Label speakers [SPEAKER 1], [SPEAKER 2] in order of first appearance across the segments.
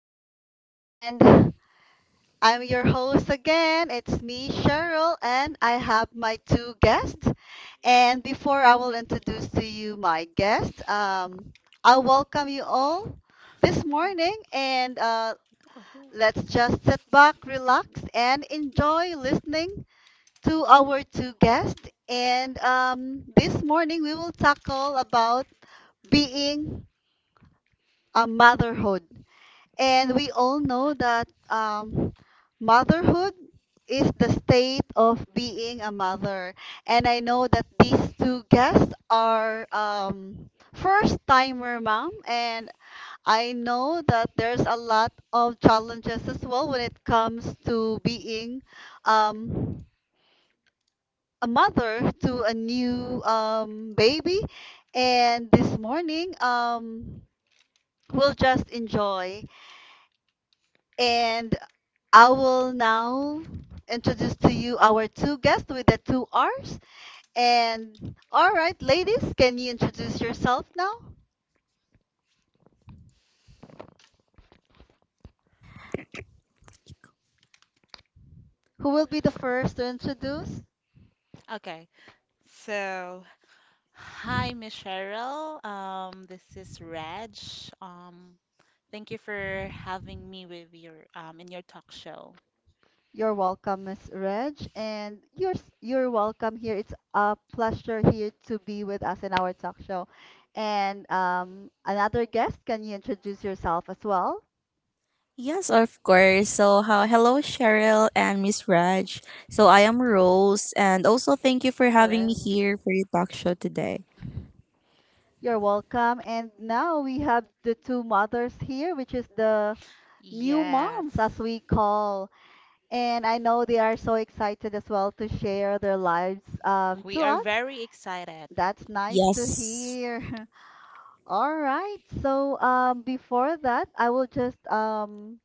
[SPEAKER 1] show. And I'm your host again. It's me, Cheryl, and I have my two guests. And before I will introduce to you my guest, I welcome you all this morning, and
[SPEAKER 2] Mhm.
[SPEAKER 1] let's just sit back, relax, and enjoy listening to our two guests. And this morning, we will tackle about being motherhood. And we all know that motherhood is the state of being a mother. And I know that these two guests are first timer mom. And I know that there's a lot of challenges as well when it comes to being um, a mother to a new baby. And this morning, we'll just enjoy and I will now introduce to you our two guests with the two R's. And all right, ladies, can you introduce yourself now? Who will be the first to introduce?
[SPEAKER 2] Okay. So, hi, Miss Cheryl. This is Reg. Um, thank you for having me with your in your talk show.
[SPEAKER 1] You're welcome, Miss Reg, and you're welcome here. It's a pleasure here to be with us in our talk show. And another guest, can you introduce yourself as well?
[SPEAKER 3] Yes, of course. So, hello, Cheryl and Miss Raj. So, I am Rose, and also thank you for having me
[SPEAKER 2] Hello.
[SPEAKER 3] here for your talk show today.
[SPEAKER 1] You're welcome. And now we have the two mothers here, which is the new moms,
[SPEAKER 2] Yes.
[SPEAKER 1] as we call. And I know they are so excited as well to share their lives,
[SPEAKER 2] We
[SPEAKER 1] to
[SPEAKER 2] are
[SPEAKER 1] us.
[SPEAKER 2] very excited.
[SPEAKER 1] That's nice to
[SPEAKER 3] Yes.
[SPEAKER 1] hear. All right. So before that, I will just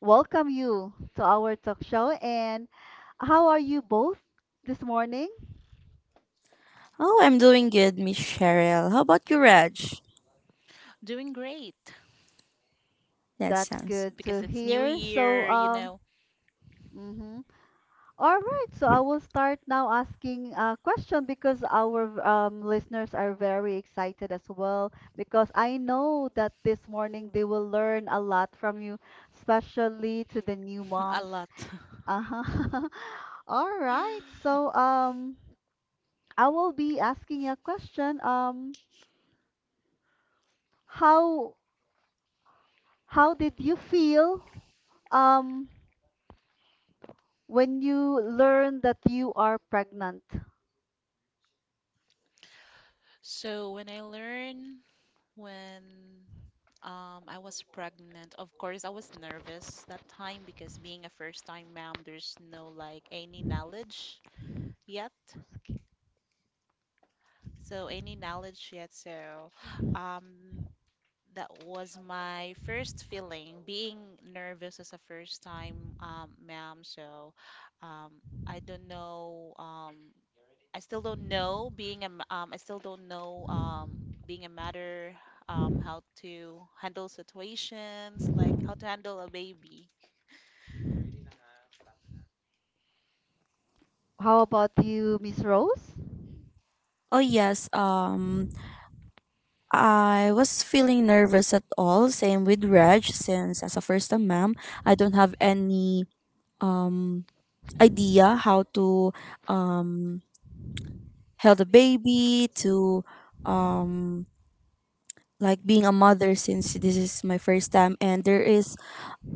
[SPEAKER 1] welcome you to our talk show. And how are you both this morning?
[SPEAKER 3] Oh, I'm doing good, Miss Cheryl. How about you, Raj?
[SPEAKER 2] Doing great
[SPEAKER 3] That
[SPEAKER 1] That's
[SPEAKER 3] sounds.
[SPEAKER 1] good to
[SPEAKER 2] because it's new
[SPEAKER 1] hear. So
[SPEAKER 2] year, you know.
[SPEAKER 1] mhm. All right, so I will start now asking a question because our listeners are very excited as well because I know that this morning they will learn a lot from you, especially to the new
[SPEAKER 2] A
[SPEAKER 1] moms.
[SPEAKER 2] lot.
[SPEAKER 1] Uh-huh. All right, so I will be asking you a question. How how did you feel um when you learned that you are pregnant?
[SPEAKER 2] So when I learn when I was pregnant. Of course, I was nervous that time because being a first-time mom, there's no like any knowledge yet. So any knowledge yet. So um, that was my first feeling, being nervous as a first-time mom. So I don't know. I still don't know I still don't know being a mother, how to handle situations, like how to handle a baby.
[SPEAKER 1] How about you, Miss Rose?
[SPEAKER 3] Oh yes. I was feeling nervous at all. Same with Raj, since as a first-time ma'am, I don't have any um idea how to um held a baby to um like being a mother, since this is my first time and there is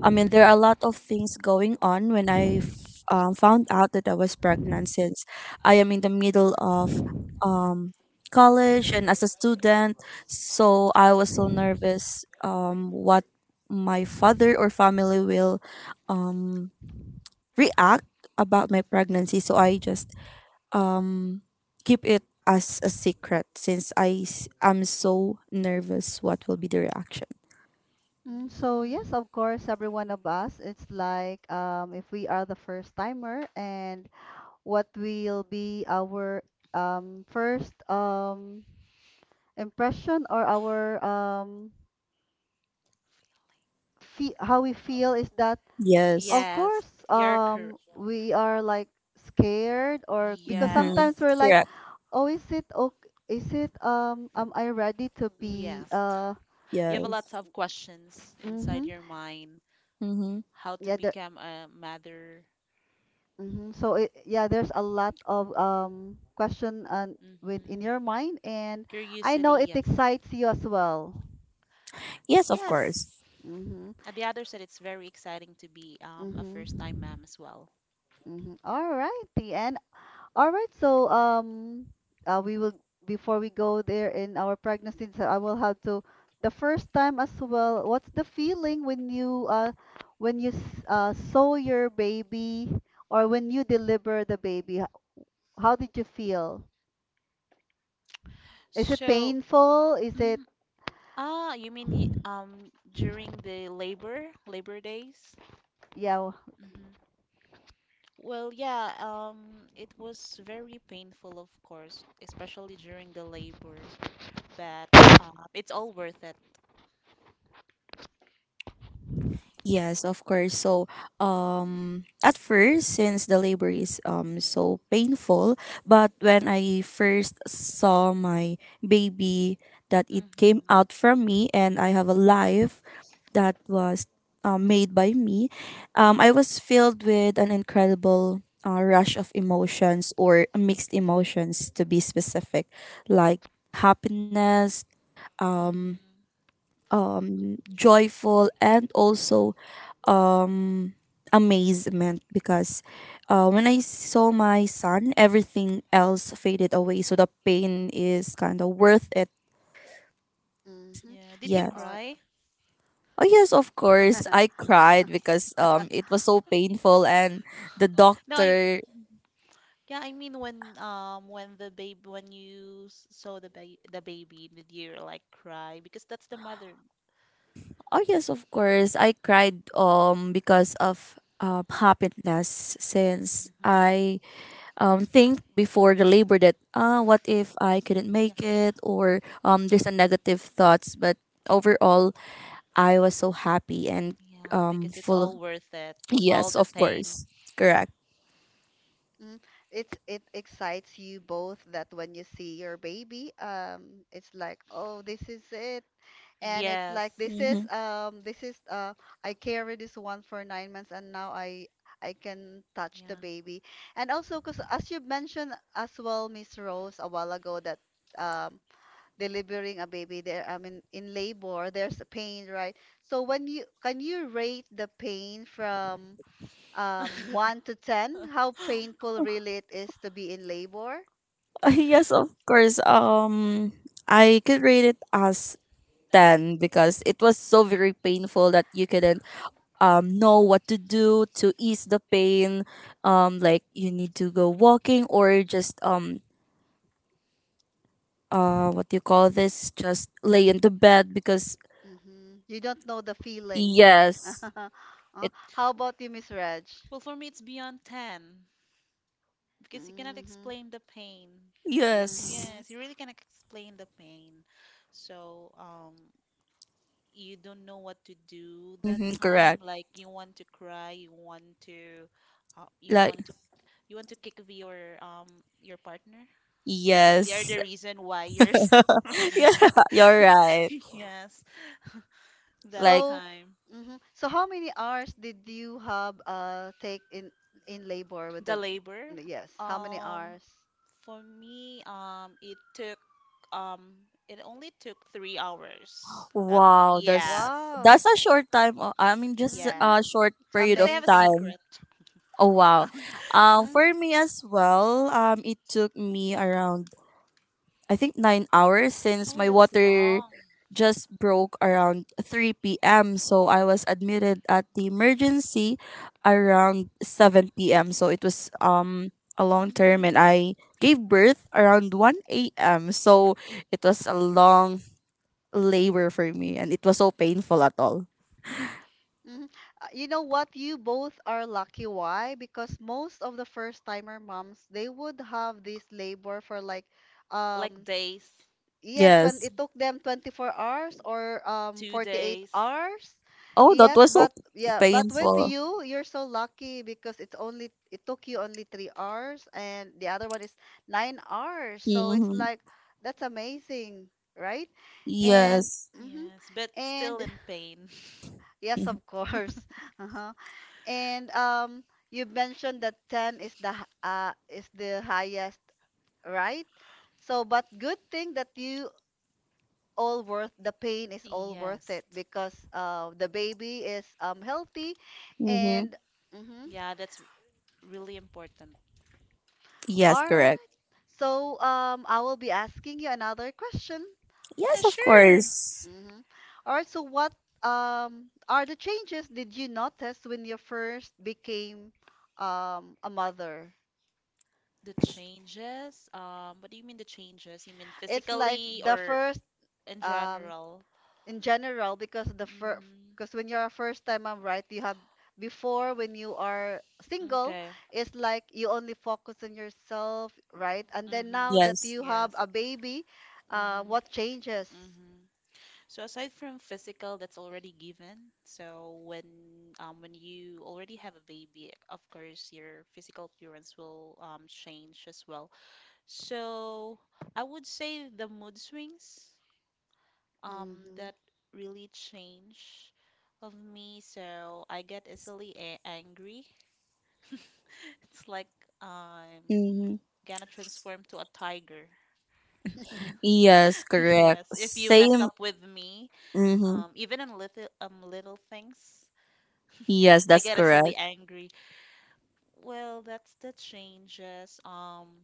[SPEAKER 3] I mean there are a lot of things going on when I found out that I was pregnant, since I am in the middle of um, college and as a student. So I was so nervous what my father or family will um, react about my pregnancy. So I just um keep it as a secret, since am so nervous what will be the reaction.
[SPEAKER 1] So yes,
[SPEAKER 2] Mm.
[SPEAKER 1] of course, every one of us, it's like if we are the first timer and what will be our first impression or our fe how we feel is that
[SPEAKER 3] Yes.
[SPEAKER 1] of
[SPEAKER 2] Yes,
[SPEAKER 1] course
[SPEAKER 2] you're correct.
[SPEAKER 1] we are like scared or because
[SPEAKER 2] Yes,
[SPEAKER 3] Mm-hmm.
[SPEAKER 1] sometimes we're like,
[SPEAKER 3] Correct.
[SPEAKER 1] oh, is it okay? Is it am I ready to be
[SPEAKER 2] yes. You have a lot
[SPEAKER 3] Yes.
[SPEAKER 2] of questions inside
[SPEAKER 1] mm-hmm.
[SPEAKER 2] your mind.
[SPEAKER 3] Mm-hmm.
[SPEAKER 2] How to
[SPEAKER 1] Yeah, there
[SPEAKER 2] become a mother?
[SPEAKER 1] Mm-hmm. So, there's a lot of question and with in
[SPEAKER 2] Hmm.
[SPEAKER 1] your mind, and I
[SPEAKER 2] Curiosity,
[SPEAKER 1] know it
[SPEAKER 2] yes.
[SPEAKER 1] excites you as well.
[SPEAKER 3] Yes, of course.
[SPEAKER 2] Yes.
[SPEAKER 1] Mm-hmm.
[SPEAKER 2] At the other side, it's very exciting to be a
[SPEAKER 1] Mm-hmm.
[SPEAKER 2] first-time mom as well.
[SPEAKER 1] Mm-hmm. All right, the end. All right, so we will before we go there in our pregnancy, so I will have to the first time as well. What's the feeling when you saw your baby or when you deliver the baby? How did you feel? Is it
[SPEAKER 2] So,
[SPEAKER 1] painful? Is it
[SPEAKER 2] mm, ah, you mean during the labor days?
[SPEAKER 1] yeah.
[SPEAKER 2] Mm-hmm. Well, yeah, it was very painful, of course, especially during the labor, but it's all worth it.
[SPEAKER 3] Yes, of course. So, at first, since the labor is so painful, but when I first saw my baby, that it came
[SPEAKER 2] Mm-hmm.
[SPEAKER 3] out from me, and I have a life that was made by me, I was filled with an incredible rush of emotions, or mixed emotions, to be specific, like happiness, um,
[SPEAKER 2] Mm-hmm.
[SPEAKER 3] joyful, and also um amazement, because when I saw my son, everything else faded away. So the pain is kind of worth it.
[SPEAKER 1] Mm-hmm.
[SPEAKER 2] Yeah. Did you
[SPEAKER 3] Yes.
[SPEAKER 1] Oh.
[SPEAKER 2] cry?
[SPEAKER 3] Oh yes, of course. I cried because it was so painful and the
[SPEAKER 2] No, I.
[SPEAKER 3] doctor.
[SPEAKER 2] Yeah, I mean when you saw the baby, did you like cry? Because that's the mother.
[SPEAKER 3] Oh yes, of course. I cried because of happiness, since
[SPEAKER 2] Hmm.
[SPEAKER 3] I think before the labor that, ah, what if I couldn't
[SPEAKER 2] Yeah.
[SPEAKER 3] make it, or there's a negative thoughts, but overall I was so happy and
[SPEAKER 2] Yeah, because it's
[SPEAKER 3] full of,
[SPEAKER 2] all worth it. All
[SPEAKER 3] yes,
[SPEAKER 2] the
[SPEAKER 3] of
[SPEAKER 2] pain.
[SPEAKER 3] course, correct.
[SPEAKER 1] Mm. It's it excites you both that when you see your baby, it's like, oh, this is it. And it's like this
[SPEAKER 2] Yes.
[SPEAKER 3] Mm-hmm.
[SPEAKER 1] is um this is uh I carried this one for 9 months and now I can touch the
[SPEAKER 2] Yeah.
[SPEAKER 1] baby. And also because as you mentioned as well, Miss Rose, a while ago that um delivering a baby there I mean in labor there's a pain, right? So when you can you rate the pain from 1 to 10, how painful really it is to be in labor?
[SPEAKER 3] Yes, of course. I could rate it as 10, because it was so very painful that you couldn't know what to do to ease the pain. Like, you need to go walking, or just what do you call this, just lay into bed because,
[SPEAKER 1] Mm-hmm. You don't know the feeling.
[SPEAKER 3] yes, it,
[SPEAKER 1] How about you, Miss Reg?
[SPEAKER 2] Well, for me, it's beyond 10 because you cannot
[SPEAKER 1] Mm-hmm.
[SPEAKER 2] explain the pain.
[SPEAKER 3] yes.
[SPEAKER 1] Mm-hmm.
[SPEAKER 2] Yes, you really cannot explain the pain. So, you don't know what to do that
[SPEAKER 3] Mm-hmm,
[SPEAKER 2] time.
[SPEAKER 3] correct.
[SPEAKER 2] Like you want to cry, you want to, you
[SPEAKER 3] Like,
[SPEAKER 2] want to you want to kick your partner because they are
[SPEAKER 3] yes.
[SPEAKER 2] the reason why you're.
[SPEAKER 3] Yeah,
[SPEAKER 1] Mm-hmm.
[SPEAKER 3] you're right.
[SPEAKER 2] Yes, that
[SPEAKER 3] Like,
[SPEAKER 1] So,
[SPEAKER 2] time
[SPEAKER 1] mm-hmm. So how many hours did you have take in labor with the
[SPEAKER 2] the labor.
[SPEAKER 1] yes, how many
[SPEAKER 2] Um,
[SPEAKER 1] hours?
[SPEAKER 2] For me, it took um, it only took 3 hours.
[SPEAKER 3] wow, that's
[SPEAKER 2] Yes,
[SPEAKER 1] Wow.
[SPEAKER 3] that's a short time, just
[SPEAKER 1] Mm-hmm.
[SPEAKER 3] a
[SPEAKER 2] yes,
[SPEAKER 3] short
[SPEAKER 1] It's
[SPEAKER 3] period
[SPEAKER 2] because I
[SPEAKER 3] of
[SPEAKER 2] have a
[SPEAKER 1] amazing.
[SPEAKER 3] time.
[SPEAKER 2] secret.
[SPEAKER 3] Oh wow.
[SPEAKER 1] Mm.
[SPEAKER 3] For me as well, it took me around, I think, 9 hours, since
[SPEAKER 2] Oh,
[SPEAKER 3] my
[SPEAKER 2] that's
[SPEAKER 3] water
[SPEAKER 2] long.
[SPEAKER 3] just broke around 3 p.m. So I was admitted at the emergency around 7 p.m. So it was a long term,
[SPEAKER 2] Mm,
[SPEAKER 3] and I gave birth around 1 a.m. So it was a long labor for me, and it was so painful at all.
[SPEAKER 1] Mhm. You know what? You both are lucky. Why? Because most of the first timer moms, they would have this labor for like
[SPEAKER 2] like
[SPEAKER 1] um
[SPEAKER 2] days.
[SPEAKER 1] yes, 20,
[SPEAKER 3] Yes.
[SPEAKER 1] it
[SPEAKER 2] Mhm.
[SPEAKER 1] took them 24 hours or
[SPEAKER 2] two
[SPEAKER 1] 48
[SPEAKER 2] days.
[SPEAKER 1] hours.
[SPEAKER 3] Oh, that
[SPEAKER 1] Yes,
[SPEAKER 3] was so
[SPEAKER 1] but yeah, but with
[SPEAKER 2] Mhm.
[SPEAKER 3] painful.
[SPEAKER 1] you, you're so lucky because it's only it took you only 3 hours and the other one is 9 hours. So it's
[SPEAKER 3] Hmm.
[SPEAKER 1] like that's amazing, right? And
[SPEAKER 3] Yes.
[SPEAKER 1] mhm,
[SPEAKER 2] Yes, but still
[SPEAKER 1] and
[SPEAKER 2] in pain.
[SPEAKER 1] yes, of course. Uh-huh. And you mentioned that 10 is is the highest, right? So but good thing that you all worth the pain is all worth it
[SPEAKER 2] Yes.
[SPEAKER 1] because the baby is healthy
[SPEAKER 3] Hmm.
[SPEAKER 1] and mhm.
[SPEAKER 2] Yeah, that's really important.
[SPEAKER 3] Yes,
[SPEAKER 1] All
[SPEAKER 3] correct.
[SPEAKER 1] right, so I will be asking you another question.
[SPEAKER 3] Yes, of course.
[SPEAKER 1] Hmm, all right, so what are the changes did you notice when you first became a mother?
[SPEAKER 2] The changes, what do you mean the changes? You mean
[SPEAKER 1] It's like
[SPEAKER 2] physically
[SPEAKER 1] the
[SPEAKER 2] or
[SPEAKER 1] first
[SPEAKER 2] in
[SPEAKER 1] um
[SPEAKER 2] general?
[SPEAKER 1] in general because the first
[SPEAKER 2] Mm-hmm.
[SPEAKER 1] because when you're a first time mom, right? You have before when you are single,
[SPEAKER 2] Okay.
[SPEAKER 1] it's like you only focus on yourself, right? And then
[SPEAKER 2] Mm-hmm.
[SPEAKER 1] now that
[SPEAKER 3] Yes.
[SPEAKER 1] you have
[SPEAKER 2] Yes.
[SPEAKER 1] a baby, what changes?
[SPEAKER 2] Mm-hmm. Mm-hmm. So aside from physical, that's already given. So when you already have a baby, of course your physical appearance will change as well. So I would say the mood swings. um
[SPEAKER 1] Mm-hmm.
[SPEAKER 2] that really change of me, so I get easily a angry. It's like I'm gonna transform to a tiger.
[SPEAKER 1] Mm-hmm.
[SPEAKER 3] Yes, correct.
[SPEAKER 2] Yes, if you messed
[SPEAKER 3] Same.
[SPEAKER 2] up with me,
[SPEAKER 3] Mm-hmm.
[SPEAKER 2] even in little things,
[SPEAKER 3] Yes,
[SPEAKER 2] I
[SPEAKER 3] that's
[SPEAKER 2] get easily
[SPEAKER 3] correct.
[SPEAKER 2] angry. Well, that's the changes.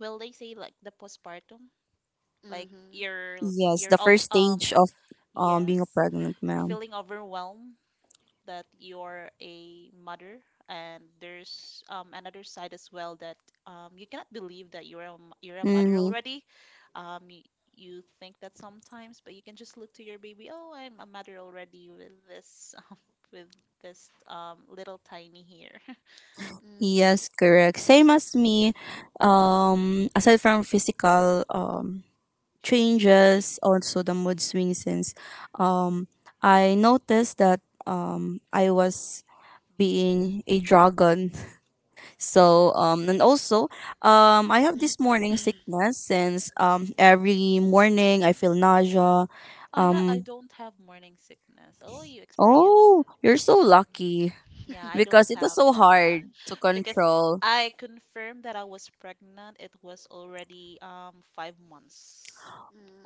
[SPEAKER 2] Well, they say like the postpartum, like
[SPEAKER 3] Yes,
[SPEAKER 2] you're
[SPEAKER 3] the
[SPEAKER 2] of
[SPEAKER 3] first stage of
[SPEAKER 2] yes,
[SPEAKER 3] being a pregnant
[SPEAKER 2] you're
[SPEAKER 3] ma'am.
[SPEAKER 2] feeling overwhelmed that you're a mother, and there's another side as well that you cannot believe that you're a mother
[SPEAKER 3] Mm-hmm.
[SPEAKER 2] already. Um, you, you think that sometimes, but you can just look to your baby. Oh, I'm a mother already with this with this little tiny here.
[SPEAKER 1] Mm-hmm.
[SPEAKER 3] Yes, correct. Same as me. Aside from physical changes, also the mood swings. Since um, I noticed that I was being a dragon. So and also I have this morning sickness, since every morning I feel nausea.
[SPEAKER 2] I
[SPEAKER 3] Um
[SPEAKER 2] don't have morning sickness. Oh, you experienced
[SPEAKER 3] oh, you're so
[SPEAKER 2] that. Mhm.
[SPEAKER 3] lucky,
[SPEAKER 2] Yeah, I don't
[SPEAKER 3] because it was
[SPEAKER 2] have
[SPEAKER 3] so hard
[SPEAKER 2] that
[SPEAKER 3] to
[SPEAKER 2] because
[SPEAKER 3] control.
[SPEAKER 2] I confirmed that I was pregnant. It was already 5 months.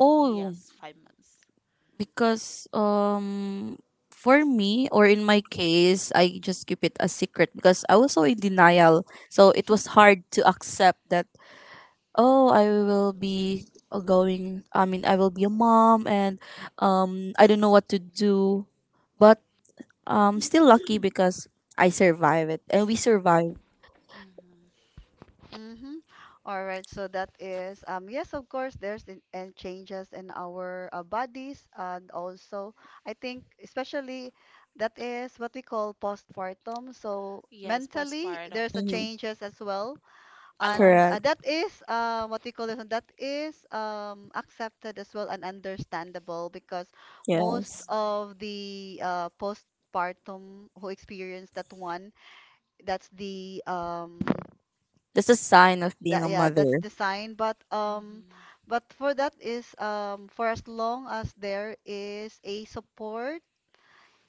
[SPEAKER 3] Oh,
[SPEAKER 2] Yes, 5 months.
[SPEAKER 3] because for me, or in my case, I just keep it a secret because I was so in
[SPEAKER 2] Hmm.
[SPEAKER 3] denial. So it was hard to accept that, oh, I will be, going I mean I will be a mom, and I don't know what to do, but still lucky because I survive it and we survive.
[SPEAKER 2] Hmm.
[SPEAKER 1] Mm-hmm. All right, so that is yes, of course, there's in, and changes in our bodies and also I think especially that is what we call postpartum. So
[SPEAKER 2] Yes,
[SPEAKER 1] mentally
[SPEAKER 2] postpartum.
[SPEAKER 1] there's a
[SPEAKER 3] Mhm.
[SPEAKER 1] changes as well,
[SPEAKER 2] A lot.
[SPEAKER 1] and
[SPEAKER 3] Correct.
[SPEAKER 1] that is what we call it. That is accepted as well and understandable because
[SPEAKER 2] Hmm.
[SPEAKER 1] most
[SPEAKER 3] Yes,
[SPEAKER 1] of the postpartum who experience that one that's the
[SPEAKER 3] that's a sign of being
[SPEAKER 1] that
[SPEAKER 3] a
[SPEAKER 1] yeah, that's
[SPEAKER 3] mother.
[SPEAKER 1] design,
[SPEAKER 2] Hmm.
[SPEAKER 1] but for that is for as long as there is a support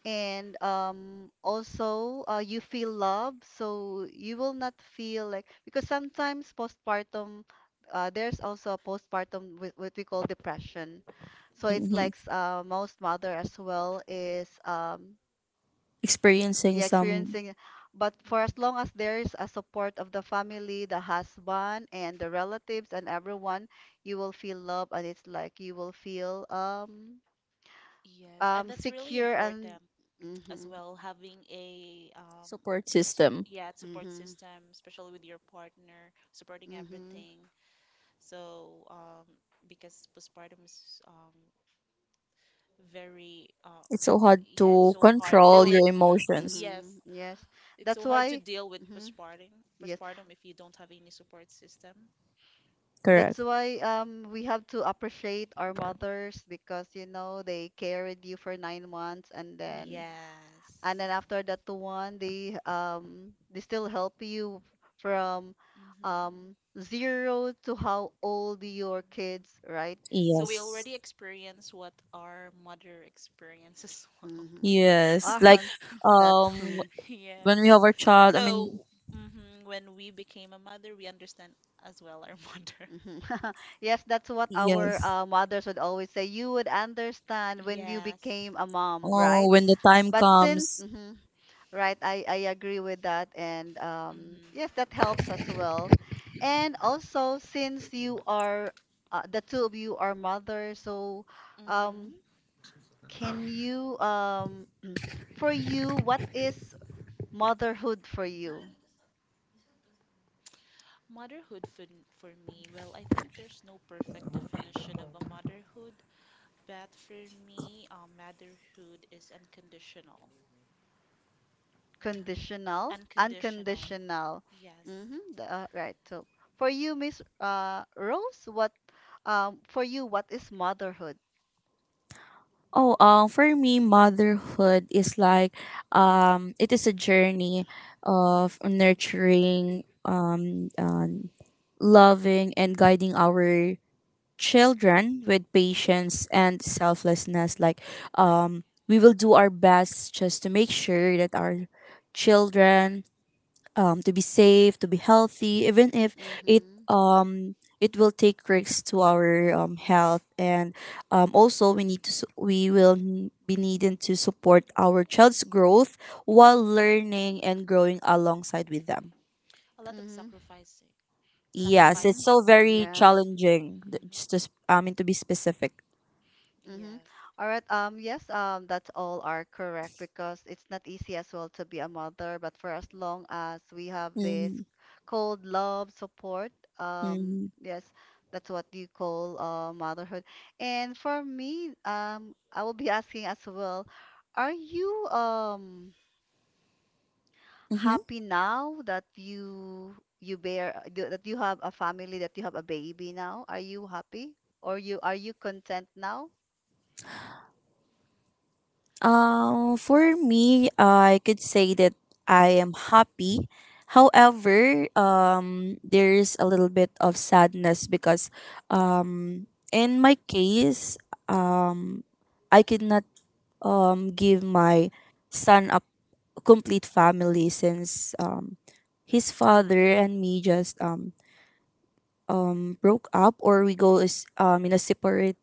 [SPEAKER 1] and also you feel love, so you will not feel like because sometimes postpartum, there's also a postpartum with what we call depression. So it's
[SPEAKER 3] Mhm.
[SPEAKER 1] like most mother as well is
[SPEAKER 3] Experiencing
[SPEAKER 1] yeah,
[SPEAKER 3] some
[SPEAKER 1] experiencing it. But
[SPEAKER 2] Mm.
[SPEAKER 1] for as long as there is a support of the family, the husband and the relatives and everyone, you will feel love and it's like you will feel
[SPEAKER 2] Yes, and that's really
[SPEAKER 1] secure and
[SPEAKER 2] important as
[SPEAKER 1] mm-hmm,
[SPEAKER 2] well, having a
[SPEAKER 3] support system.
[SPEAKER 2] support
[SPEAKER 1] mm-hmm,
[SPEAKER 2] system, especially with your partner, supporting
[SPEAKER 1] mm-hmm,
[SPEAKER 2] everything. So, because postpartum is very
[SPEAKER 3] It's so hard
[SPEAKER 2] yeah, it's
[SPEAKER 3] to
[SPEAKER 2] so hard
[SPEAKER 3] control your
[SPEAKER 2] dealing.
[SPEAKER 3] emotions.
[SPEAKER 1] hmm.
[SPEAKER 2] Yes,
[SPEAKER 1] Yes.
[SPEAKER 2] it's
[SPEAKER 1] That's
[SPEAKER 2] so hard to
[SPEAKER 1] why
[SPEAKER 2] deal with
[SPEAKER 1] mm-hmm.
[SPEAKER 2] postpartum,
[SPEAKER 1] Yes,
[SPEAKER 2] postpartum if you don't have any support system.
[SPEAKER 1] that's
[SPEAKER 3] Correct.
[SPEAKER 1] why we have to appreciate our mothers because you know they carried you for 9 months and then
[SPEAKER 2] Yes.
[SPEAKER 1] after that to one they still help you from
[SPEAKER 2] Hmm.
[SPEAKER 1] zero to how old your kids, right?
[SPEAKER 2] So we
[SPEAKER 3] Yes.
[SPEAKER 2] already experience what our mother experienced as well.
[SPEAKER 1] Mm-hmm.
[SPEAKER 3] Yes, like,
[SPEAKER 1] Aren't that's
[SPEAKER 3] um
[SPEAKER 1] mm,
[SPEAKER 3] when
[SPEAKER 2] Yes.
[SPEAKER 3] we have our child i mean
[SPEAKER 2] So, hmm, when we became a mother, we understand as well our mother.
[SPEAKER 1] mhm. Yes, that's what our
[SPEAKER 3] Yes.
[SPEAKER 1] mothers would always say. You would understand when you
[SPEAKER 2] Yes.
[SPEAKER 1] became a mom,
[SPEAKER 3] Oh,
[SPEAKER 1] right?
[SPEAKER 3] when the time
[SPEAKER 1] But since
[SPEAKER 3] comes.
[SPEAKER 1] mhm. Right, I agree with that. And
[SPEAKER 2] Mm-hmm.
[SPEAKER 1] yes, that helps as well. And also, since you are, the two of you are mothers, so um,
[SPEAKER 2] Mm-hmm.
[SPEAKER 1] can you, for you, what is motherhood for you?
[SPEAKER 2] For me, well, I think there's no perfect definition of a motherhood, but for me, motherhood is unconditional. Hmm.
[SPEAKER 1] Conditional?
[SPEAKER 2] Unconditional.
[SPEAKER 1] Unconditional?
[SPEAKER 2] Yes.
[SPEAKER 1] Mm-hmm, right. So for you, Miss Rose, what, for you, what is motherhood?
[SPEAKER 3] Oh, for me, motherhood is like, it is a journey
[SPEAKER 2] Hmm.
[SPEAKER 3] of nurturing, loving, and guiding our children with patience and selflessness. Like, we will do our best just to make sure that our children, to be safe, to be healthy, even if it
[SPEAKER 1] Mm-hmm,
[SPEAKER 3] um it will take risks to our health, and also we need to be needing to support our child's growth while learning and growing alongside with them.
[SPEAKER 2] A lot of
[SPEAKER 1] mm-hmm,
[SPEAKER 2] sacrificing,
[SPEAKER 3] Yes,
[SPEAKER 1] mm-hmm.
[SPEAKER 3] it's so
[SPEAKER 2] sacrifices.
[SPEAKER 3] very
[SPEAKER 1] Yes.
[SPEAKER 3] challenging. Just to, I
[SPEAKER 2] Hmm.
[SPEAKER 3] mean, to be specific.
[SPEAKER 1] Mm-hmm.
[SPEAKER 2] Yes.
[SPEAKER 1] All right. Yes, that's all are correct because it's not easy as well to be a mother, but for as long as we have this
[SPEAKER 3] Mm-hmm.
[SPEAKER 1] cold love support,
[SPEAKER 3] Mm-hmm.
[SPEAKER 1] yes, that's what you call motherhood. And for me, I will be asking as well, are you happy now that you bear that you have a family, that you have a baby now? Are you happy? Or you are you content now?
[SPEAKER 3] For me, I could say that I am happy. However, there is a little bit of sadness, because, in my case, um, I could not give my son a complete family, since his father and me just broke up, or we go is in a separate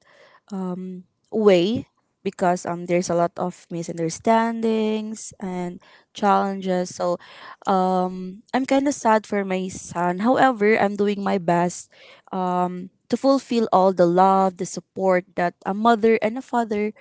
[SPEAKER 3] um way, because there's a lot of misunderstandings and challenges. So I'm kind of sad for my son. However, I'm doing my best to fulfill all the love, the support that a mother and a father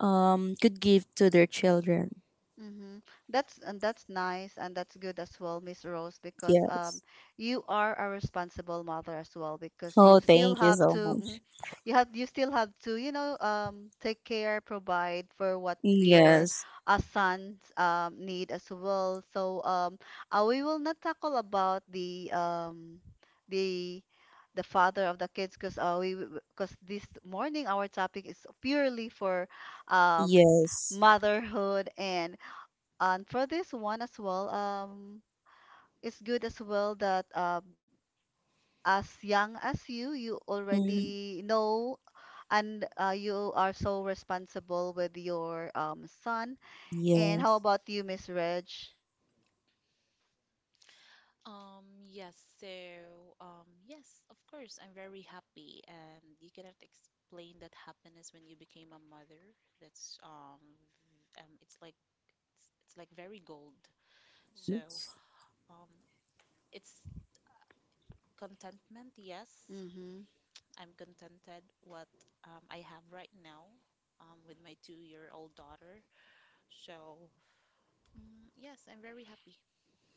[SPEAKER 3] could give to their children.
[SPEAKER 1] Mm-hmm. That's and that's nice and that's good as well, Miss Rose, because
[SPEAKER 3] Yes.
[SPEAKER 1] you are a responsible mother as well because you
[SPEAKER 3] Oh,
[SPEAKER 1] still
[SPEAKER 3] thank you
[SPEAKER 1] have
[SPEAKER 3] so
[SPEAKER 1] to
[SPEAKER 3] much.
[SPEAKER 1] mhm, you have you still have to, you know, take care, provide for what your
[SPEAKER 3] Yes.
[SPEAKER 1] sons need as well. So we will not tackle about the the father of the kids because we because this morning our topic is purely for um
[SPEAKER 3] Yes.
[SPEAKER 1] motherhood and for this one as well, it's good as well that as young as you, you
[SPEAKER 3] Mhm.
[SPEAKER 1] already know and you are so responsible with your son. And how
[SPEAKER 3] Yes.
[SPEAKER 1] about you, Miss Reg?
[SPEAKER 2] Yes, of course, I'm very happy, and you cannot explain that happiness when you became a mother. That's it's like it's like very gold. So um, it's contentment. Yes,
[SPEAKER 1] Mm-hmm.
[SPEAKER 2] I'm contented what I have right now with my 2-year-old daughter. So, mm, yes, I'm very happy.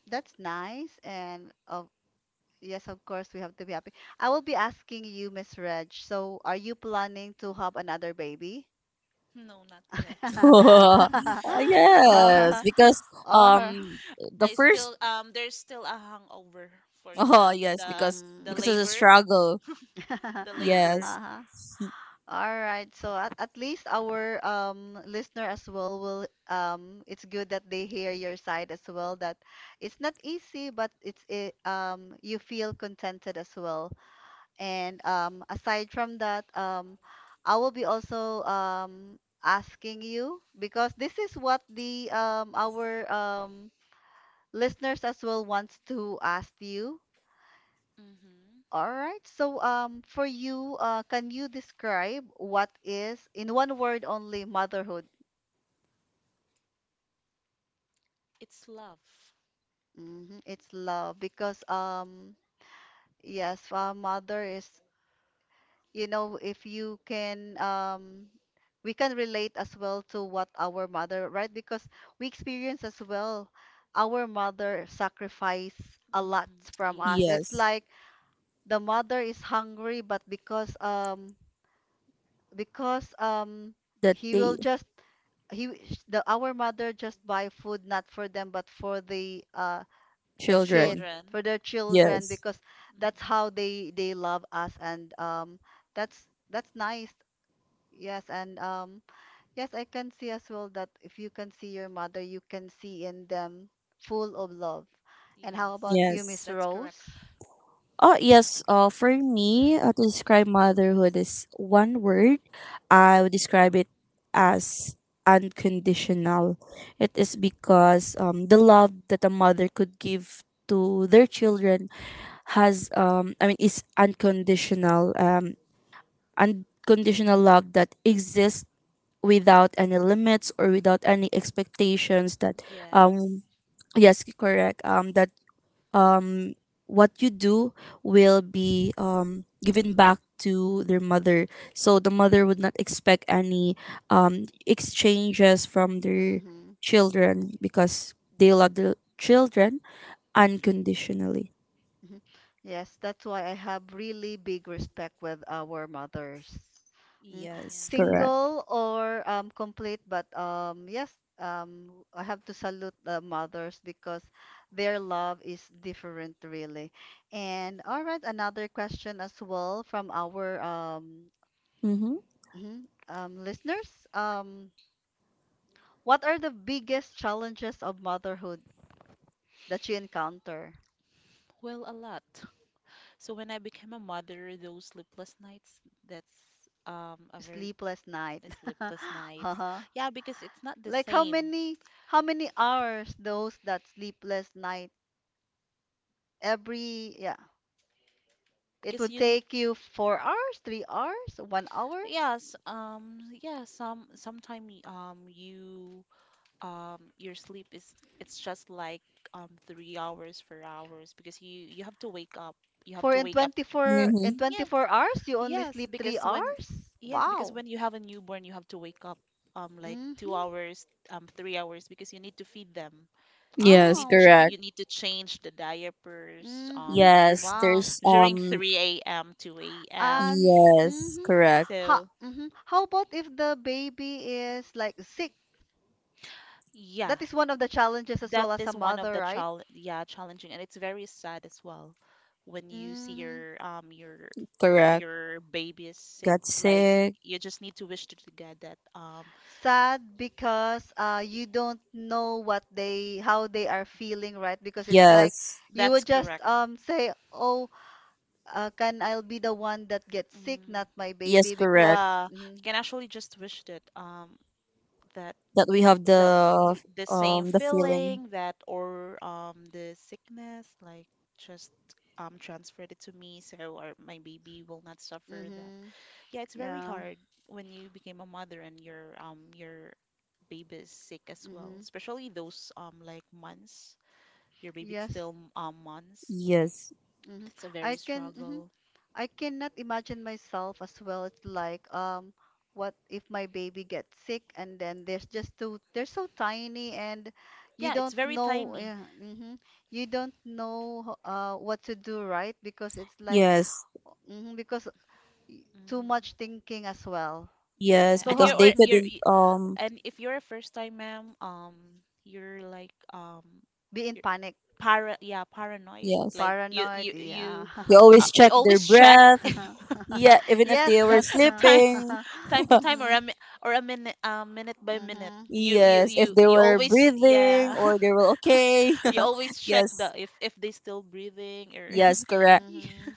[SPEAKER 1] That's nice. And of yes, of course, we have to be happy. I will be asking you, Miss Reg. So, are you planning to have another baby?
[SPEAKER 2] No, not yet.
[SPEAKER 3] Yes,
[SPEAKER 1] Uh,
[SPEAKER 3] because
[SPEAKER 1] or,
[SPEAKER 3] um the
[SPEAKER 2] I
[SPEAKER 3] first,
[SPEAKER 2] still there's still a hangover for
[SPEAKER 3] oh
[SPEAKER 2] the
[SPEAKER 3] yes,
[SPEAKER 2] the
[SPEAKER 3] because
[SPEAKER 2] the
[SPEAKER 3] because of
[SPEAKER 1] mm-hmm.
[SPEAKER 3] the
[SPEAKER 2] labor,
[SPEAKER 3] struggle.
[SPEAKER 2] the labor.
[SPEAKER 3] Yes.
[SPEAKER 1] Uh-huh. All right. So at least our listener as well will it's good that they hear your side as well that it's not easy but you feel contented as well. And aside from that I will be also asking you because this is what the our listeners as well wants to ask you.
[SPEAKER 2] Hmm.
[SPEAKER 1] All right. So, for you, can you describe what is, in one word only, motherhood?
[SPEAKER 2] It's love.
[SPEAKER 1] Hmm. It's love because, yes, a mother is, you know, if you can, we can relate as well to what our mother, right? Because we experience as well our mother sacrifice a lot
[SPEAKER 2] Hmm.
[SPEAKER 1] from us. It's
[SPEAKER 2] Yes,
[SPEAKER 3] Yes,
[SPEAKER 1] like the mother is hungry, but because, um,
[SPEAKER 3] that
[SPEAKER 1] he
[SPEAKER 3] they,
[SPEAKER 1] will just he the our mother just buy food not for them but for the uh
[SPEAKER 2] for
[SPEAKER 1] the
[SPEAKER 2] the
[SPEAKER 1] kid
[SPEAKER 3] children.
[SPEAKER 1] for
[SPEAKER 2] children.
[SPEAKER 1] their children
[SPEAKER 3] Yes.
[SPEAKER 1] because that's
[SPEAKER 2] Mhm.
[SPEAKER 1] how they love us and That's nice. Yes and um yes I can see as well that if you can see your mother, you can see in them full of love. And how about
[SPEAKER 2] Yes,
[SPEAKER 1] you,
[SPEAKER 3] Yes.
[SPEAKER 1] Miss
[SPEAKER 2] that's
[SPEAKER 1] Rose?
[SPEAKER 2] correct.
[SPEAKER 3] Oh yes, for me, to describe motherhood is one word, I would describe it as unconditional. It is because the love that a mother could give to their children has I mean is unconditional. Unconditional love that exists without any limits or without any expectations, that um
[SPEAKER 2] Yes,
[SPEAKER 3] yes, correct. That um what you do will be given back to their mother. So the mother would not expect any exchanges from their
[SPEAKER 1] Mm-hmm.
[SPEAKER 3] children, because they love the children unconditionally.
[SPEAKER 1] Mhm. Yes, that's why I have really big respect with our mothers. Mm.
[SPEAKER 2] yeah.
[SPEAKER 3] Yes, correct.
[SPEAKER 1] Single or complete, but yes, I have to salute the mothers because their love is different, really. And all right, another question as well from our
[SPEAKER 3] Mm-hmm.
[SPEAKER 1] mhm, listeners. What are the biggest challenges of motherhood that you encounter?
[SPEAKER 2] Well, a lot. So when I became a mother, those sleepless nights, that's a very
[SPEAKER 1] Sleepless night.
[SPEAKER 2] sleepless nights.
[SPEAKER 1] Uh-huh.
[SPEAKER 2] Yeah, because it's not the
[SPEAKER 1] Like how
[SPEAKER 2] same.
[SPEAKER 1] many how many hours those that sleepless night every yeah It
[SPEAKER 2] Because
[SPEAKER 1] would
[SPEAKER 2] you, n-
[SPEAKER 1] take you 4 hours, 3 hours, one hour.
[SPEAKER 2] yes, yeah, some sometime you your sleep is it's just like 3 hours, 4 hours because you have to wake up. You have
[SPEAKER 1] For
[SPEAKER 2] to
[SPEAKER 1] in
[SPEAKER 2] wake up.
[SPEAKER 1] 24 in
[SPEAKER 2] Mm, Yes,
[SPEAKER 1] 24 hours you only
[SPEAKER 2] yes,
[SPEAKER 1] sleep three
[SPEAKER 2] because when
[SPEAKER 1] hours.
[SPEAKER 2] yes, because
[SPEAKER 1] Wow.
[SPEAKER 2] when you have a newborn, you have to wake up like two
[SPEAKER 1] Mhm.
[SPEAKER 2] hours, 3 hours because you need to feed them. You
[SPEAKER 3] Yes,
[SPEAKER 1] Oh.
[SPEAKER 3] correct.
[SPEAKER 1] Mhm.
[SPEAKER 2] you need to change the diapers
[SPEAKER 1] Mhm.
[SPEAKER 2] during
[SPEAKER 3] Yes,
[SPEAKER 1] Wow.
[SPEAKER 3] there's
[SPEAKER 2] during 3 a.m. to a.m.
[SPEAKER 1] And
[SPEAKER 3] yes,
[SPEAKER 1] mhm.
[SPEAKER 3] correct,
[SPEAKER 1] Ha.
[SPEAKER 2] So
[SPEAKER 1] Mhm. How about if the baby is like sick?
[SPEAKER 2] yeah,
[SPEAKER 1] That is one of the challenges as
[SPEAKER 2] that
[SPEAKER 1] well as a
[SPEAKER 2] is one of
[SPEAKER 1] mother,
[SPEAKER 2] the
[SPEAKER 1] right?
[SPEAKER 2] challenging, and it's very sad as well when you see
[SPEAKER 1] Mhm.
[SPEAKER 3] correct.
[SPEAKER 2] your baby is sick.
[SPEAKER 3] Got
[SPEAKER 2] Like
[SPEAKER 3] sick.
[SPEAKER 2] you just need to wish to the God.
[SPEAKER 1] Sad, because you don't know what they how they are feeling, right? Because it's like
[SPEAKER 3] Yes.
[SPEAKER 1] you
[SPEAKER 2] That's
[SPEAKER 1] would just
[SPEAKER 2] correct.
[SPEAKER 1] say, oh, can I'll be the one that gets sick,
[SPEAKER 2] Mm,
[SPEAKER 1] not my
[SPEAKER 3] Yes,
[SPEAKER 1] baby, because
[SPEAKER 3] correct.
[SPEAKER 2] yeah, you
[SPEAKER 1] mm-hmm,
[SPEAKER 2] can actually just wish that that
[SPEAKER 3] That we have
[SPEAKER 2] that the same
[SPEAKER 3] the feeling.
[SPEAKER 2] feeling that or the sickness, like just transferred it to me so my baby will not suffer that.
[SPEAKER 1] mm-hmm,
[SPEAKER 2] Yeah, it's very
[SPEAKER 1] yeah,
[SPEAKER 2] hard when you became a mother and your baby is sick as well,
[SPEAKER 1] mm-hmm,
[SPEAKER 2] especially those like months, your baby's
[SPEAKER 1] yes,
[SPEAKER 2] still months.
[SPEAKER 3] Yes.
[SPEAKER 1] mm-hmm,
[SPEAKER 2] It's a
[SPEAKER 1] I
[SPEAKER 2] very
[SPEAKER 1] can, mm-hmm,
[SPEAKER 2] struggle.
[SPEAKER 1] I cannot imagine myself as well. It's like, what if my baby gets sick? And then there's just too, they're so tiny and you
[SPEAKER 2] Yeah, it's
[SPEAKER 1] don't
[SPEAKER 2] very
[SPEAKER 1] know,
[SPEAKER 2] tiny.
[SPEAKER 1] yeah, hmm, you don't know what to do, right? Because it's like,
[SPEAKER 3] Yes.
[SPEAKER 1] hmm, because too
[SPEAKER 2] Hmm.
[SPEAKER 1] much thinking as well.
[SPEAKER 3] Yes,
[SPEAKER 2] yeah
[SPEAKER 1] So,
[SPEAKER 2] and
[SPEAKER 3] because
[SPEAKER 1] ha,
[SPEAKER 2] you're
[SPEAKER 3] they
[SPEAKER 2] or- you're
[SPEAKER 1] mhm,
[SPEAKER 3] couldn't
[SPEAKER 2] y- And if you're a first time ma'am, you're like um
[SPEAKER 1] be in
[SPEAKER 2] you're
[SPEAKER 1] panic,
[SPEAKER 2] para, yeah, paranoid,
[SPEAKER 3] yes.
[SPEAKER 2] like
[SPEAKER 1] paranoid, yeah.
[SPEAKER 3] They always
[SPEAKER 2] you
[SPEAKER 3] check their
[SPEAKER 2] always check.
[SPEAKER 3] breath. Yeah, even if
[SPEAKER 1] Yes,
[SPEAKER 3] they were
[SPEAKER 1] that's,
[SPEAKER 2] time
[SPEAKER 3] sleeping.
[SPEAKER 2] Time to time or
[SPEAKER 1] hmm
[SPEAKER 2] a minute, minute by minute,
[SPEAKER 1] hmm
[SPEAKER 2] you
[SPEAKER 3] Yes, if they were
[SPEAKER 2] always,
[SPEAKER 3] breathing
[SPEAKER 2] yeah.
[SPEAKER 3] or they were okay.
[SPEAKER 2] You always check the
[SPEAKER 3] Yes.
[SPEAKER 2] if they still breathing or
[SPEAKER 3] Yes, correct.
[SPEAKER 2] you
[SPEAKER 1] hmm,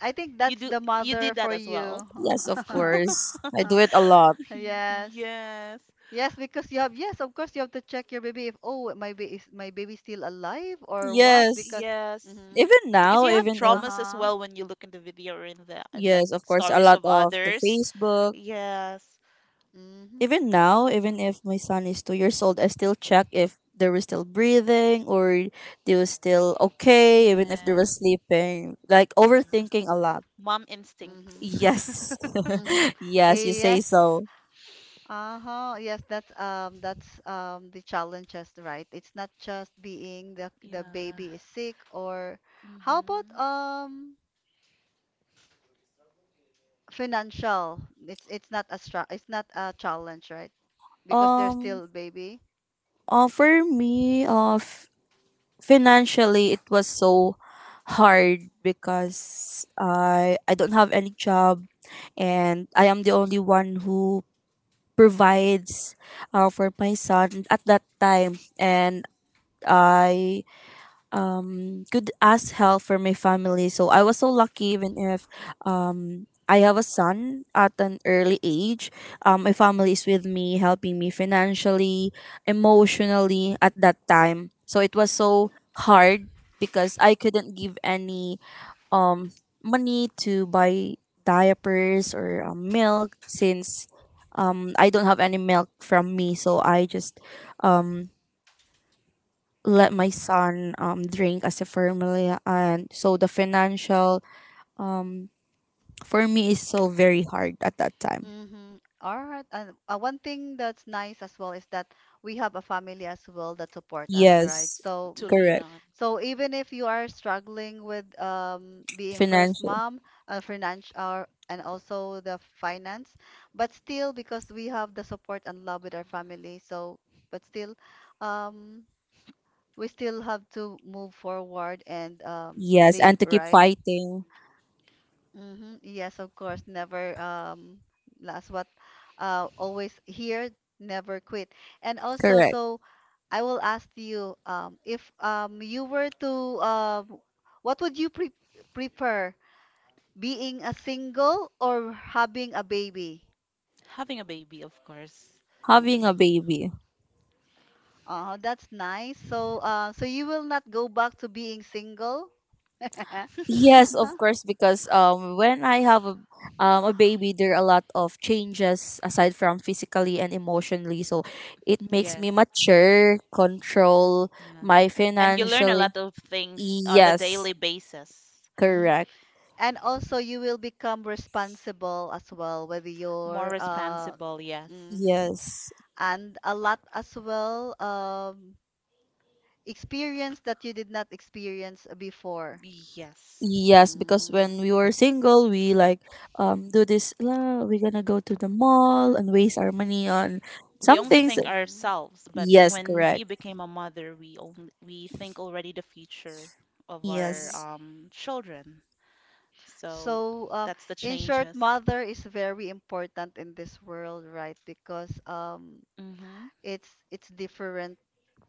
[SPEAKER 1] I think
[SPEAKER 2] you
[SPEAKER 1] that's
[SPEAKER 2] do.
[SPEAKER 1] the
[SPEAKER 2] You
[SPEAKER 1] mother
[SPEAKER 2] did
[SPEAKER 1] for
[SPEAKER 2] that as well.
[SPEAKER 1] you.
[SPEAKER 3] Yes, of course. I do it a lot.
[SPEAKER 1] Yes.
[SPEAKER 2] Yes.
[SPEAKER 1] Yes, because you have, yes, of course you have to check your baby if, oh, my baby is, my baby still alive or what, because
[SPEAKER 3] Yes.
[SPEAKER 2] Yes,
[SPEAKER 1] mm-hmm.
[SPEAKER 3] Even
[SPEAKER 2] because
[SPEAKER 3] now,
[SPEAKER 2] you have
[SPEAKER 3] even if,
[SPEAKER 2] traumas as
[SPEAKER 1] Uh-huh.
[SPEAKER 2] well when you look in the video or in the and like
[SPEAKER 3] yes, of course, a
[SPEAKER 2] stories
[SPEAKER 3] lot
[SPEAKER 2] of
[SPEAKER 3] of the
[SPEAKER 2] others.
[SPEAKER 3] Facebook.
[SPEAKER 2] Yes.
[SPEAKER 1] Mm-hmm.
[SPEAKER 3] Even now, even if my son is 2 years old, I still check if they were still breathing or they were still okay, even if they were
[SPEAKER 2] Yes.
[SPEAKER 3] sleeping. Like,
[SPEAKER 2] Yeah,
[SPEAKER 3] overthinking a lot.
[SPEAKER 2] mom
[SPEAKER 1] Mm-hmm.
[SPEAKER 2] instincts.
[SPEAKER 3] Yes.
[SPEAKER 1] Mm-hmm.
[SPEAKER 3] Yes, you say
[SPEAKER 1] Yes.
[SPEAKER 3] so.
[SPEAKER 1] Uh-huh. Yes, that's the challenges, right? It's not just being the
[SPEAKER 2] Yeah.
[SPEAKER 1] baby is sick or how about
[SPEAKER 2] Hmm.
[SPEAKER 1] financial? It's not a challenge, right? Because they're
[SPEAKER 3] Um,
[SPEAKER 1] still baby.
[SPEAKER 3] for me, financially, it was so hard, because I don't have any job and I am the only one who provides for my son at that time. And I could ask help for my family. So I was so lucky, even if I have a son at an early age. My family is with me, helping me financially, emotionally at that time. So it was so hard, because I couldn't give any um money to buy diapers or milk, since I don't have any milk from me. So I just um let my son drink as a formula. And so the financial, um for me, is so very hard at that time.
[SPEAKER 1] Mm-hmm. All right. And one thing that's nice as well is that we have a family as well that support us, right?
[SPEAKER 3] Yes,
[SPEAKER 1] So,
[SPEAKER 2] To
[SPEAKER 1] mhm.
[SPEAKER 2] lean
[SPEAKER 3] correct.
[SPEAKER 2] on.
[SPEAKER 1] So even if you are struggling with being first
[SPEAKER 3] Financial.
[SPEAKER 1] mom, financial, or, and also the finance, but still, because we have the support and love with our family, so but still, um, we still have to move forward and
[SPEAKER 3] Yes,
[SPEAKER 1] live,
[SPEAKER 3] and to keep
[SPEAKER 1] right?
[SPEAKER 3] fighting.
[SPEAKER 1] Mm-hmm. Yes, of course. Never last what always here, never quit. And also,
[SPEAKER 3] Correct.
[SPEAKER 1] so I will ask you if you were to uh what would you prefer, being a single or having a baby?
[SPEAKER 2] Having a baby, of course.
[SPEAKER 3] Having a
[SPEAKER 1] Mm-hmm.
[SPEAKER 3] baby.
[SPEAKER 1] Oh, that's nice. So so you will not go back to being single?
[SPEAKER 3] Yes, of
[SPEAKER 1] Huh?
[SPEAKER 3] course, because when I have a baby, there are a lot of changes aside from physically and emotionally. So it makes
[SPEAKER 2] Yes.
[SPEAKER 3] me mature, control
[SPEAKER 2] Yeah.
[SPEAKER 3] my
[SPEAKER 2] And you learn a
[SPEAKER 3] financially.
[SPEAKER 2] lot of things on a
[SPEAKER 3] Yes,
[SPEAKER 2] daily basis.
[SPEAKER 1] Mhm.
[SPEAKER 3] correct.
[SPEAKER 1] And also you will become responsible as well with
[SPEAKER 2] More
[SPEAKER 1] your
[SPEAKER 2] responsible, yes.
[SPEAKER 1] mhm.
[SPEAKER 3] Yes.
[SPEAKER 1] And a lot as well experience that you did not experience before.
[SPEAKER 2] Yes.
[SPEAKER 3] Yes, because when
[SPEAKER 1] Hmm
[SPEAKER 3] we were single, we like do this. "La, we're gonna go to the mall and waste our money on
[SPEAKER 2] We
[SPEAKER 3] some
[SPEAKER 2] only
[SPEAKER 3] things.
[SPEAKER 2] think
[SPEAKER 1] hmm
[SPEAKER 2] ourselves, but
[SPEAKER 3] Yes,
[SPEAKER 2] when we
[SPEAKER 3] correct.
[SPEAKER 2] became a mother, we only we think already the future of
[SPEAKER 1] hmm.
[SPEAKER 2] our
[SPEAKER 3] Yes.
[SPEAKER 2] children. So
[SPEAKER 1] So
[SPEAKER 2] that's the
[SPEAKER 1] in short,
[SPEAKER 2] changes.
[SPEAKER 1] mother is very important in this world, right? Because
[SPEAKER 2] Hmm.
[SPEAKER 1] it's different,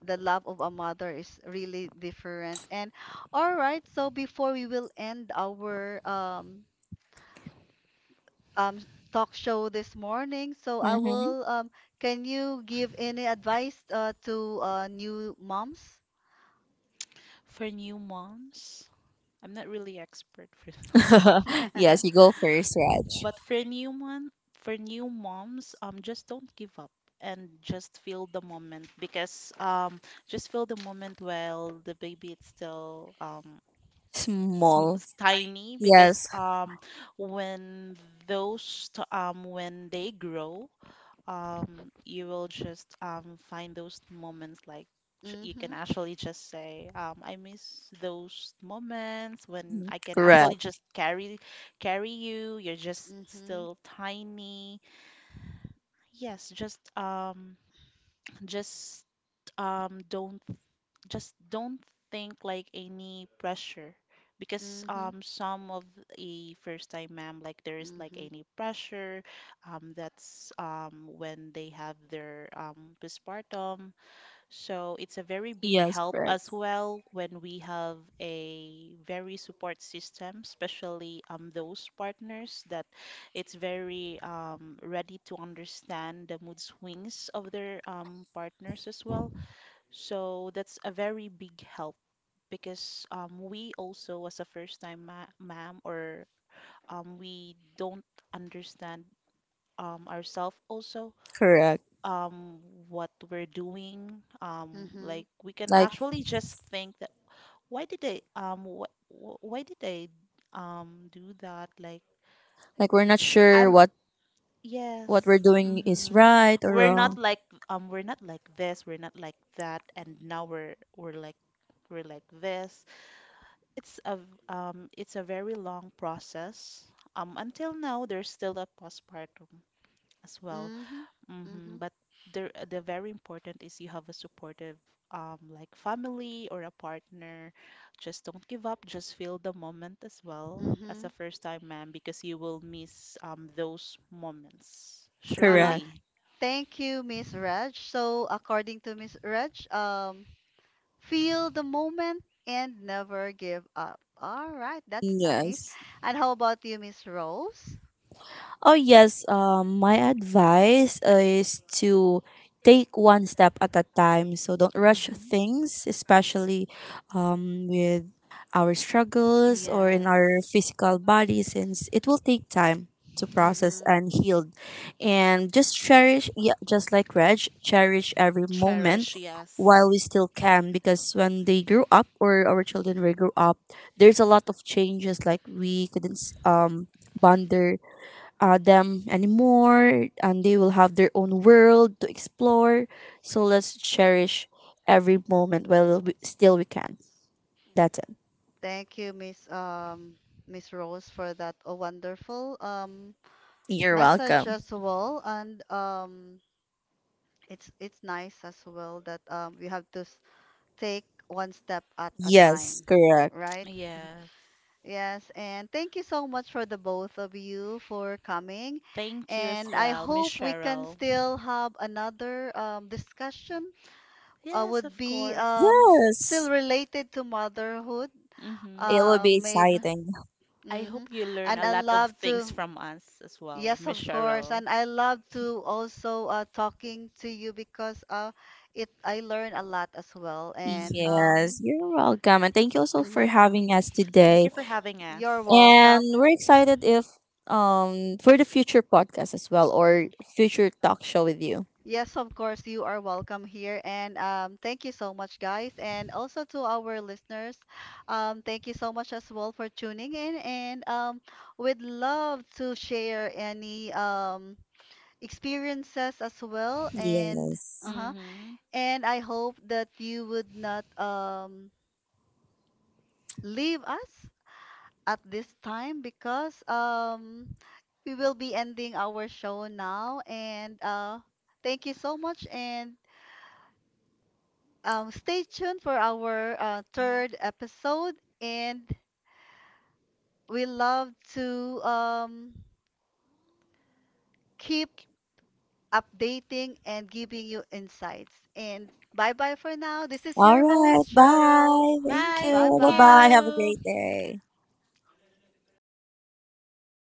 [SPEAKER 1] the love of a mother is really different. And all right, so before we will end our um sh- talk show this morning. So I
[SPEAKER 3] Mm-hmm.
[SPEAKER 1] will can you give any advice, to new moms?
[SPEAKER 2] For new moms, I'm not really expert for that.
[SPEAKER 3] Yes, you go first, Raj.
[SPEAKER 2] But for new one, for new moms, just don't give up and just feel the moment because just feel the moment while the baby is still s-
[SPEAKER 3] Small.
[SPEAKER 2] tiny
[SPEAKER 3] Yes,
[SPEAKER 2] because when when they grow, you will just find those moments like you
[SPEAKER 1] Mm-hmm.
[SPEAKER 2] can actually just say, I miss those moments when I can
[SPEAKER 3] correct.
[SPEAKER 2] actually just carry you. You're just
[SPEAKER 1] Mm-hmm.
[SPEAKER 2] still tiny. Yes, just just don't just don't think like any pressure because
[SPEAKER 1] Mm-hmm. Mm-hmm.
[SPEAKER 2] some of a first time ma'am, like there is like
[SPEAKER 1] Mm-hmm.
[SPEAKER 2] any pressure, that's when they have their postpartum. So it's a very big
[SPEAKER 3] Yes,
[SPEAKER 2] help
[SPEAKER 3] correct.
[SPEAKER 2] as well when we have a very support system, especially those partners that it's very ready to understand the mood swings of their partners as well. So that's a very big help because we also, as a first-time ma ma'am, or we don't understand ourselves also
[SPEAKER 3] Correct.
[SPEAKER 2] um, what we're doing. Like we can
[SPEAKER 3] Like
[SPEAKER 2] actually just think that why did I do that? Like
[SPEAKER 3] like we're not sure
[SPEAKER 2] I'm,
[SPEAKER 3] what we're
[SPEAKER 2] yes.
[SPEAKER 3] doing is
[SPEAKER 2] Mm-hmm.
[SPEAKER 3] right or
[SPEAKER 2] We're not
[SPEAKER 3] wrong.
[SPEAKER 2] like, we're not like this, we're not like that, and now we're like this. It's a it's a very long process. Until now, there's still a postpartum as well.
[SPEAKER 1] Mm-hmm.
[SPEAKER 2] Hmm.
[SPEAKER 1] Mm-hmm.
[SPEAKER 2] But the very important is you have a supportive like family or a partner. Just don't give up. Just feel the moment as well as
[SPEAKER 1] Mm-hmm.
[SPEAKER 2] a first time mom because you will miss those moments
[SPEAKER 1] Uh-huh.
[SPEAKER 3] Correct.
[SPEAKER 2] surely.
[SPEAKER 1] Thank you, Miss Reg. So, according to Miss Reg, feel the moment and never give up. All right, that's nice.
[SPEAKER 3] Yes.
[SPEAKER 1] And how about you, Miss Rose?
[SPEAKER 3] Oh yes, my advice is to take one step at a time. So don't rush
[SPEAKER 2] Mm-hmm.
[SPEAKER 3] things, especially with our struggles or in
[SPEAKER 2] Yes.
[SPEAKER 3] our physical body, since it will take time to process
[SPEAKER 1] Mm-hmm.
[SPEAKER 3] and heal. And just cherish, yeah, just like Reg, cherish every moment
[SPEAKER 2] Cherish, yes.
[SPEAKER 3] while we still can, because when they grew up, or our children will grow up, there's a lot of changes. Like, we couldn't bond them anymore, and they will have their own world to explore. So let's cherish every moment while we, still we can. That's it.
[SPEAKER 1] Thank you, Miss Rose, for that a wonderful
[SPEAKER 3] You're
[SPEAKER 1] message
[SPEAKER 3] welcome.
[SPEAKER 1] as well. And it's nice as well that we have to take one step at a
[SPEAKER 3] Yes,
[SPEAKER 1] time,
[SPEAKER 3] correct.
[SPEAKER 1] right?
[SPEAKER 2] Yes.
[SPEAKER 1] Yes, and thank you so much for the both of you for coming.
[SPEAKER 2] Thank you as
[SPEAKER 1] And I
[SPEAKER 2] well, Miss
[SPEAKER 1] hope we can
[SPEAKER 2] Cheryl.
[SPEAKER 1] still have another discussion,
[SPEAKER 2] Yes,
[SPEAKER 1] would
[SPEAKER 2] of
[SPEAKER 1] be
[SPEAKER 2] course.
[SPEAKER 3] Yes,
[SPEAKER 1] still related to motherhood.
[SPEAKER 2] Mm-hmm.
[SPEAKER 3] it will be
[SPEAKER 1] Maybe.
[SPEAKER 3] exciting.
[SPEAKER 2] I
[SPEAKER 1] Hmm.
[SPEAKER 2] hope you learn a
[SPEAKER 1] And I
[SPEAKER 2] lot of
[SPEAKER 1] love
[SPEAKER 2] things
[SPEAKER 1] to,
[SPEAKER 2] from us as well,
[SPEAKER 1] yes,
[SPEAKER 2] Miss
[SPEAKER 1] of course.
[SPEAKER 2] Cheryl.
[SPEAKER 1] And I love to also, talking to you, because it I learn a lot as well. And
[SPEAKER 2] Mm-hmm.
[SPEAKER 3] Yes, you're welcome, and thank you also for
[SPEAKER 1] mhm,
[SPEAKER 3] having us
[SPEAKER 2] Thank
[SPEAKER 3] today.
[SPEAKER 2] you for having
[SPEAKER 1] you're
[SPEAKER 2] us.
[SPEAKER 3] And
[SPEAKER 1] welcome.
[SPEAKER 3] we're excited if for the future podcast as well, or
[SPEAKER 1] Mhm.
[SPEAKER 3] future talk show with you.
[SPEAKER 1] Yes, of course, you are welcome here. And thank you so much, guys. And also to our listeners, thank you so much as well for tuning in. And we'd love to share any experiences as well and
[SPEAKER 3] Yes.
[SPEAKER 1] uh-huh,
[SPEAKER 2] Mm-hmm.
[SPEAKER 1] and I hope that you would not leave us at this time, because we will be ending our show now, and thank you so much. And stay tuned for our
[SPEAKER 2] Next.
[SPEAKER 1] third episode, and we love to keep updating and giving you insights. And bye bye for now, this is
[SPEAKER 3] All
[SPEAKER 1] your
[SPEAKER 3] right.
[SPEAKER 1] host, Cheryl.
[SPEAKER 3] Bye. Thank
[SPEAKER 2] Bye.
[SPEAKER 1] Bye
[SPEAKER 3] you.
[SPEAKER 2] Thank
[SPEAKER 3] Bye bye.
[SPEAKER 1] bye.
[SPEAKER 3] Have a
[SPEAKER 2] you.
[SPEAKER 3] great day.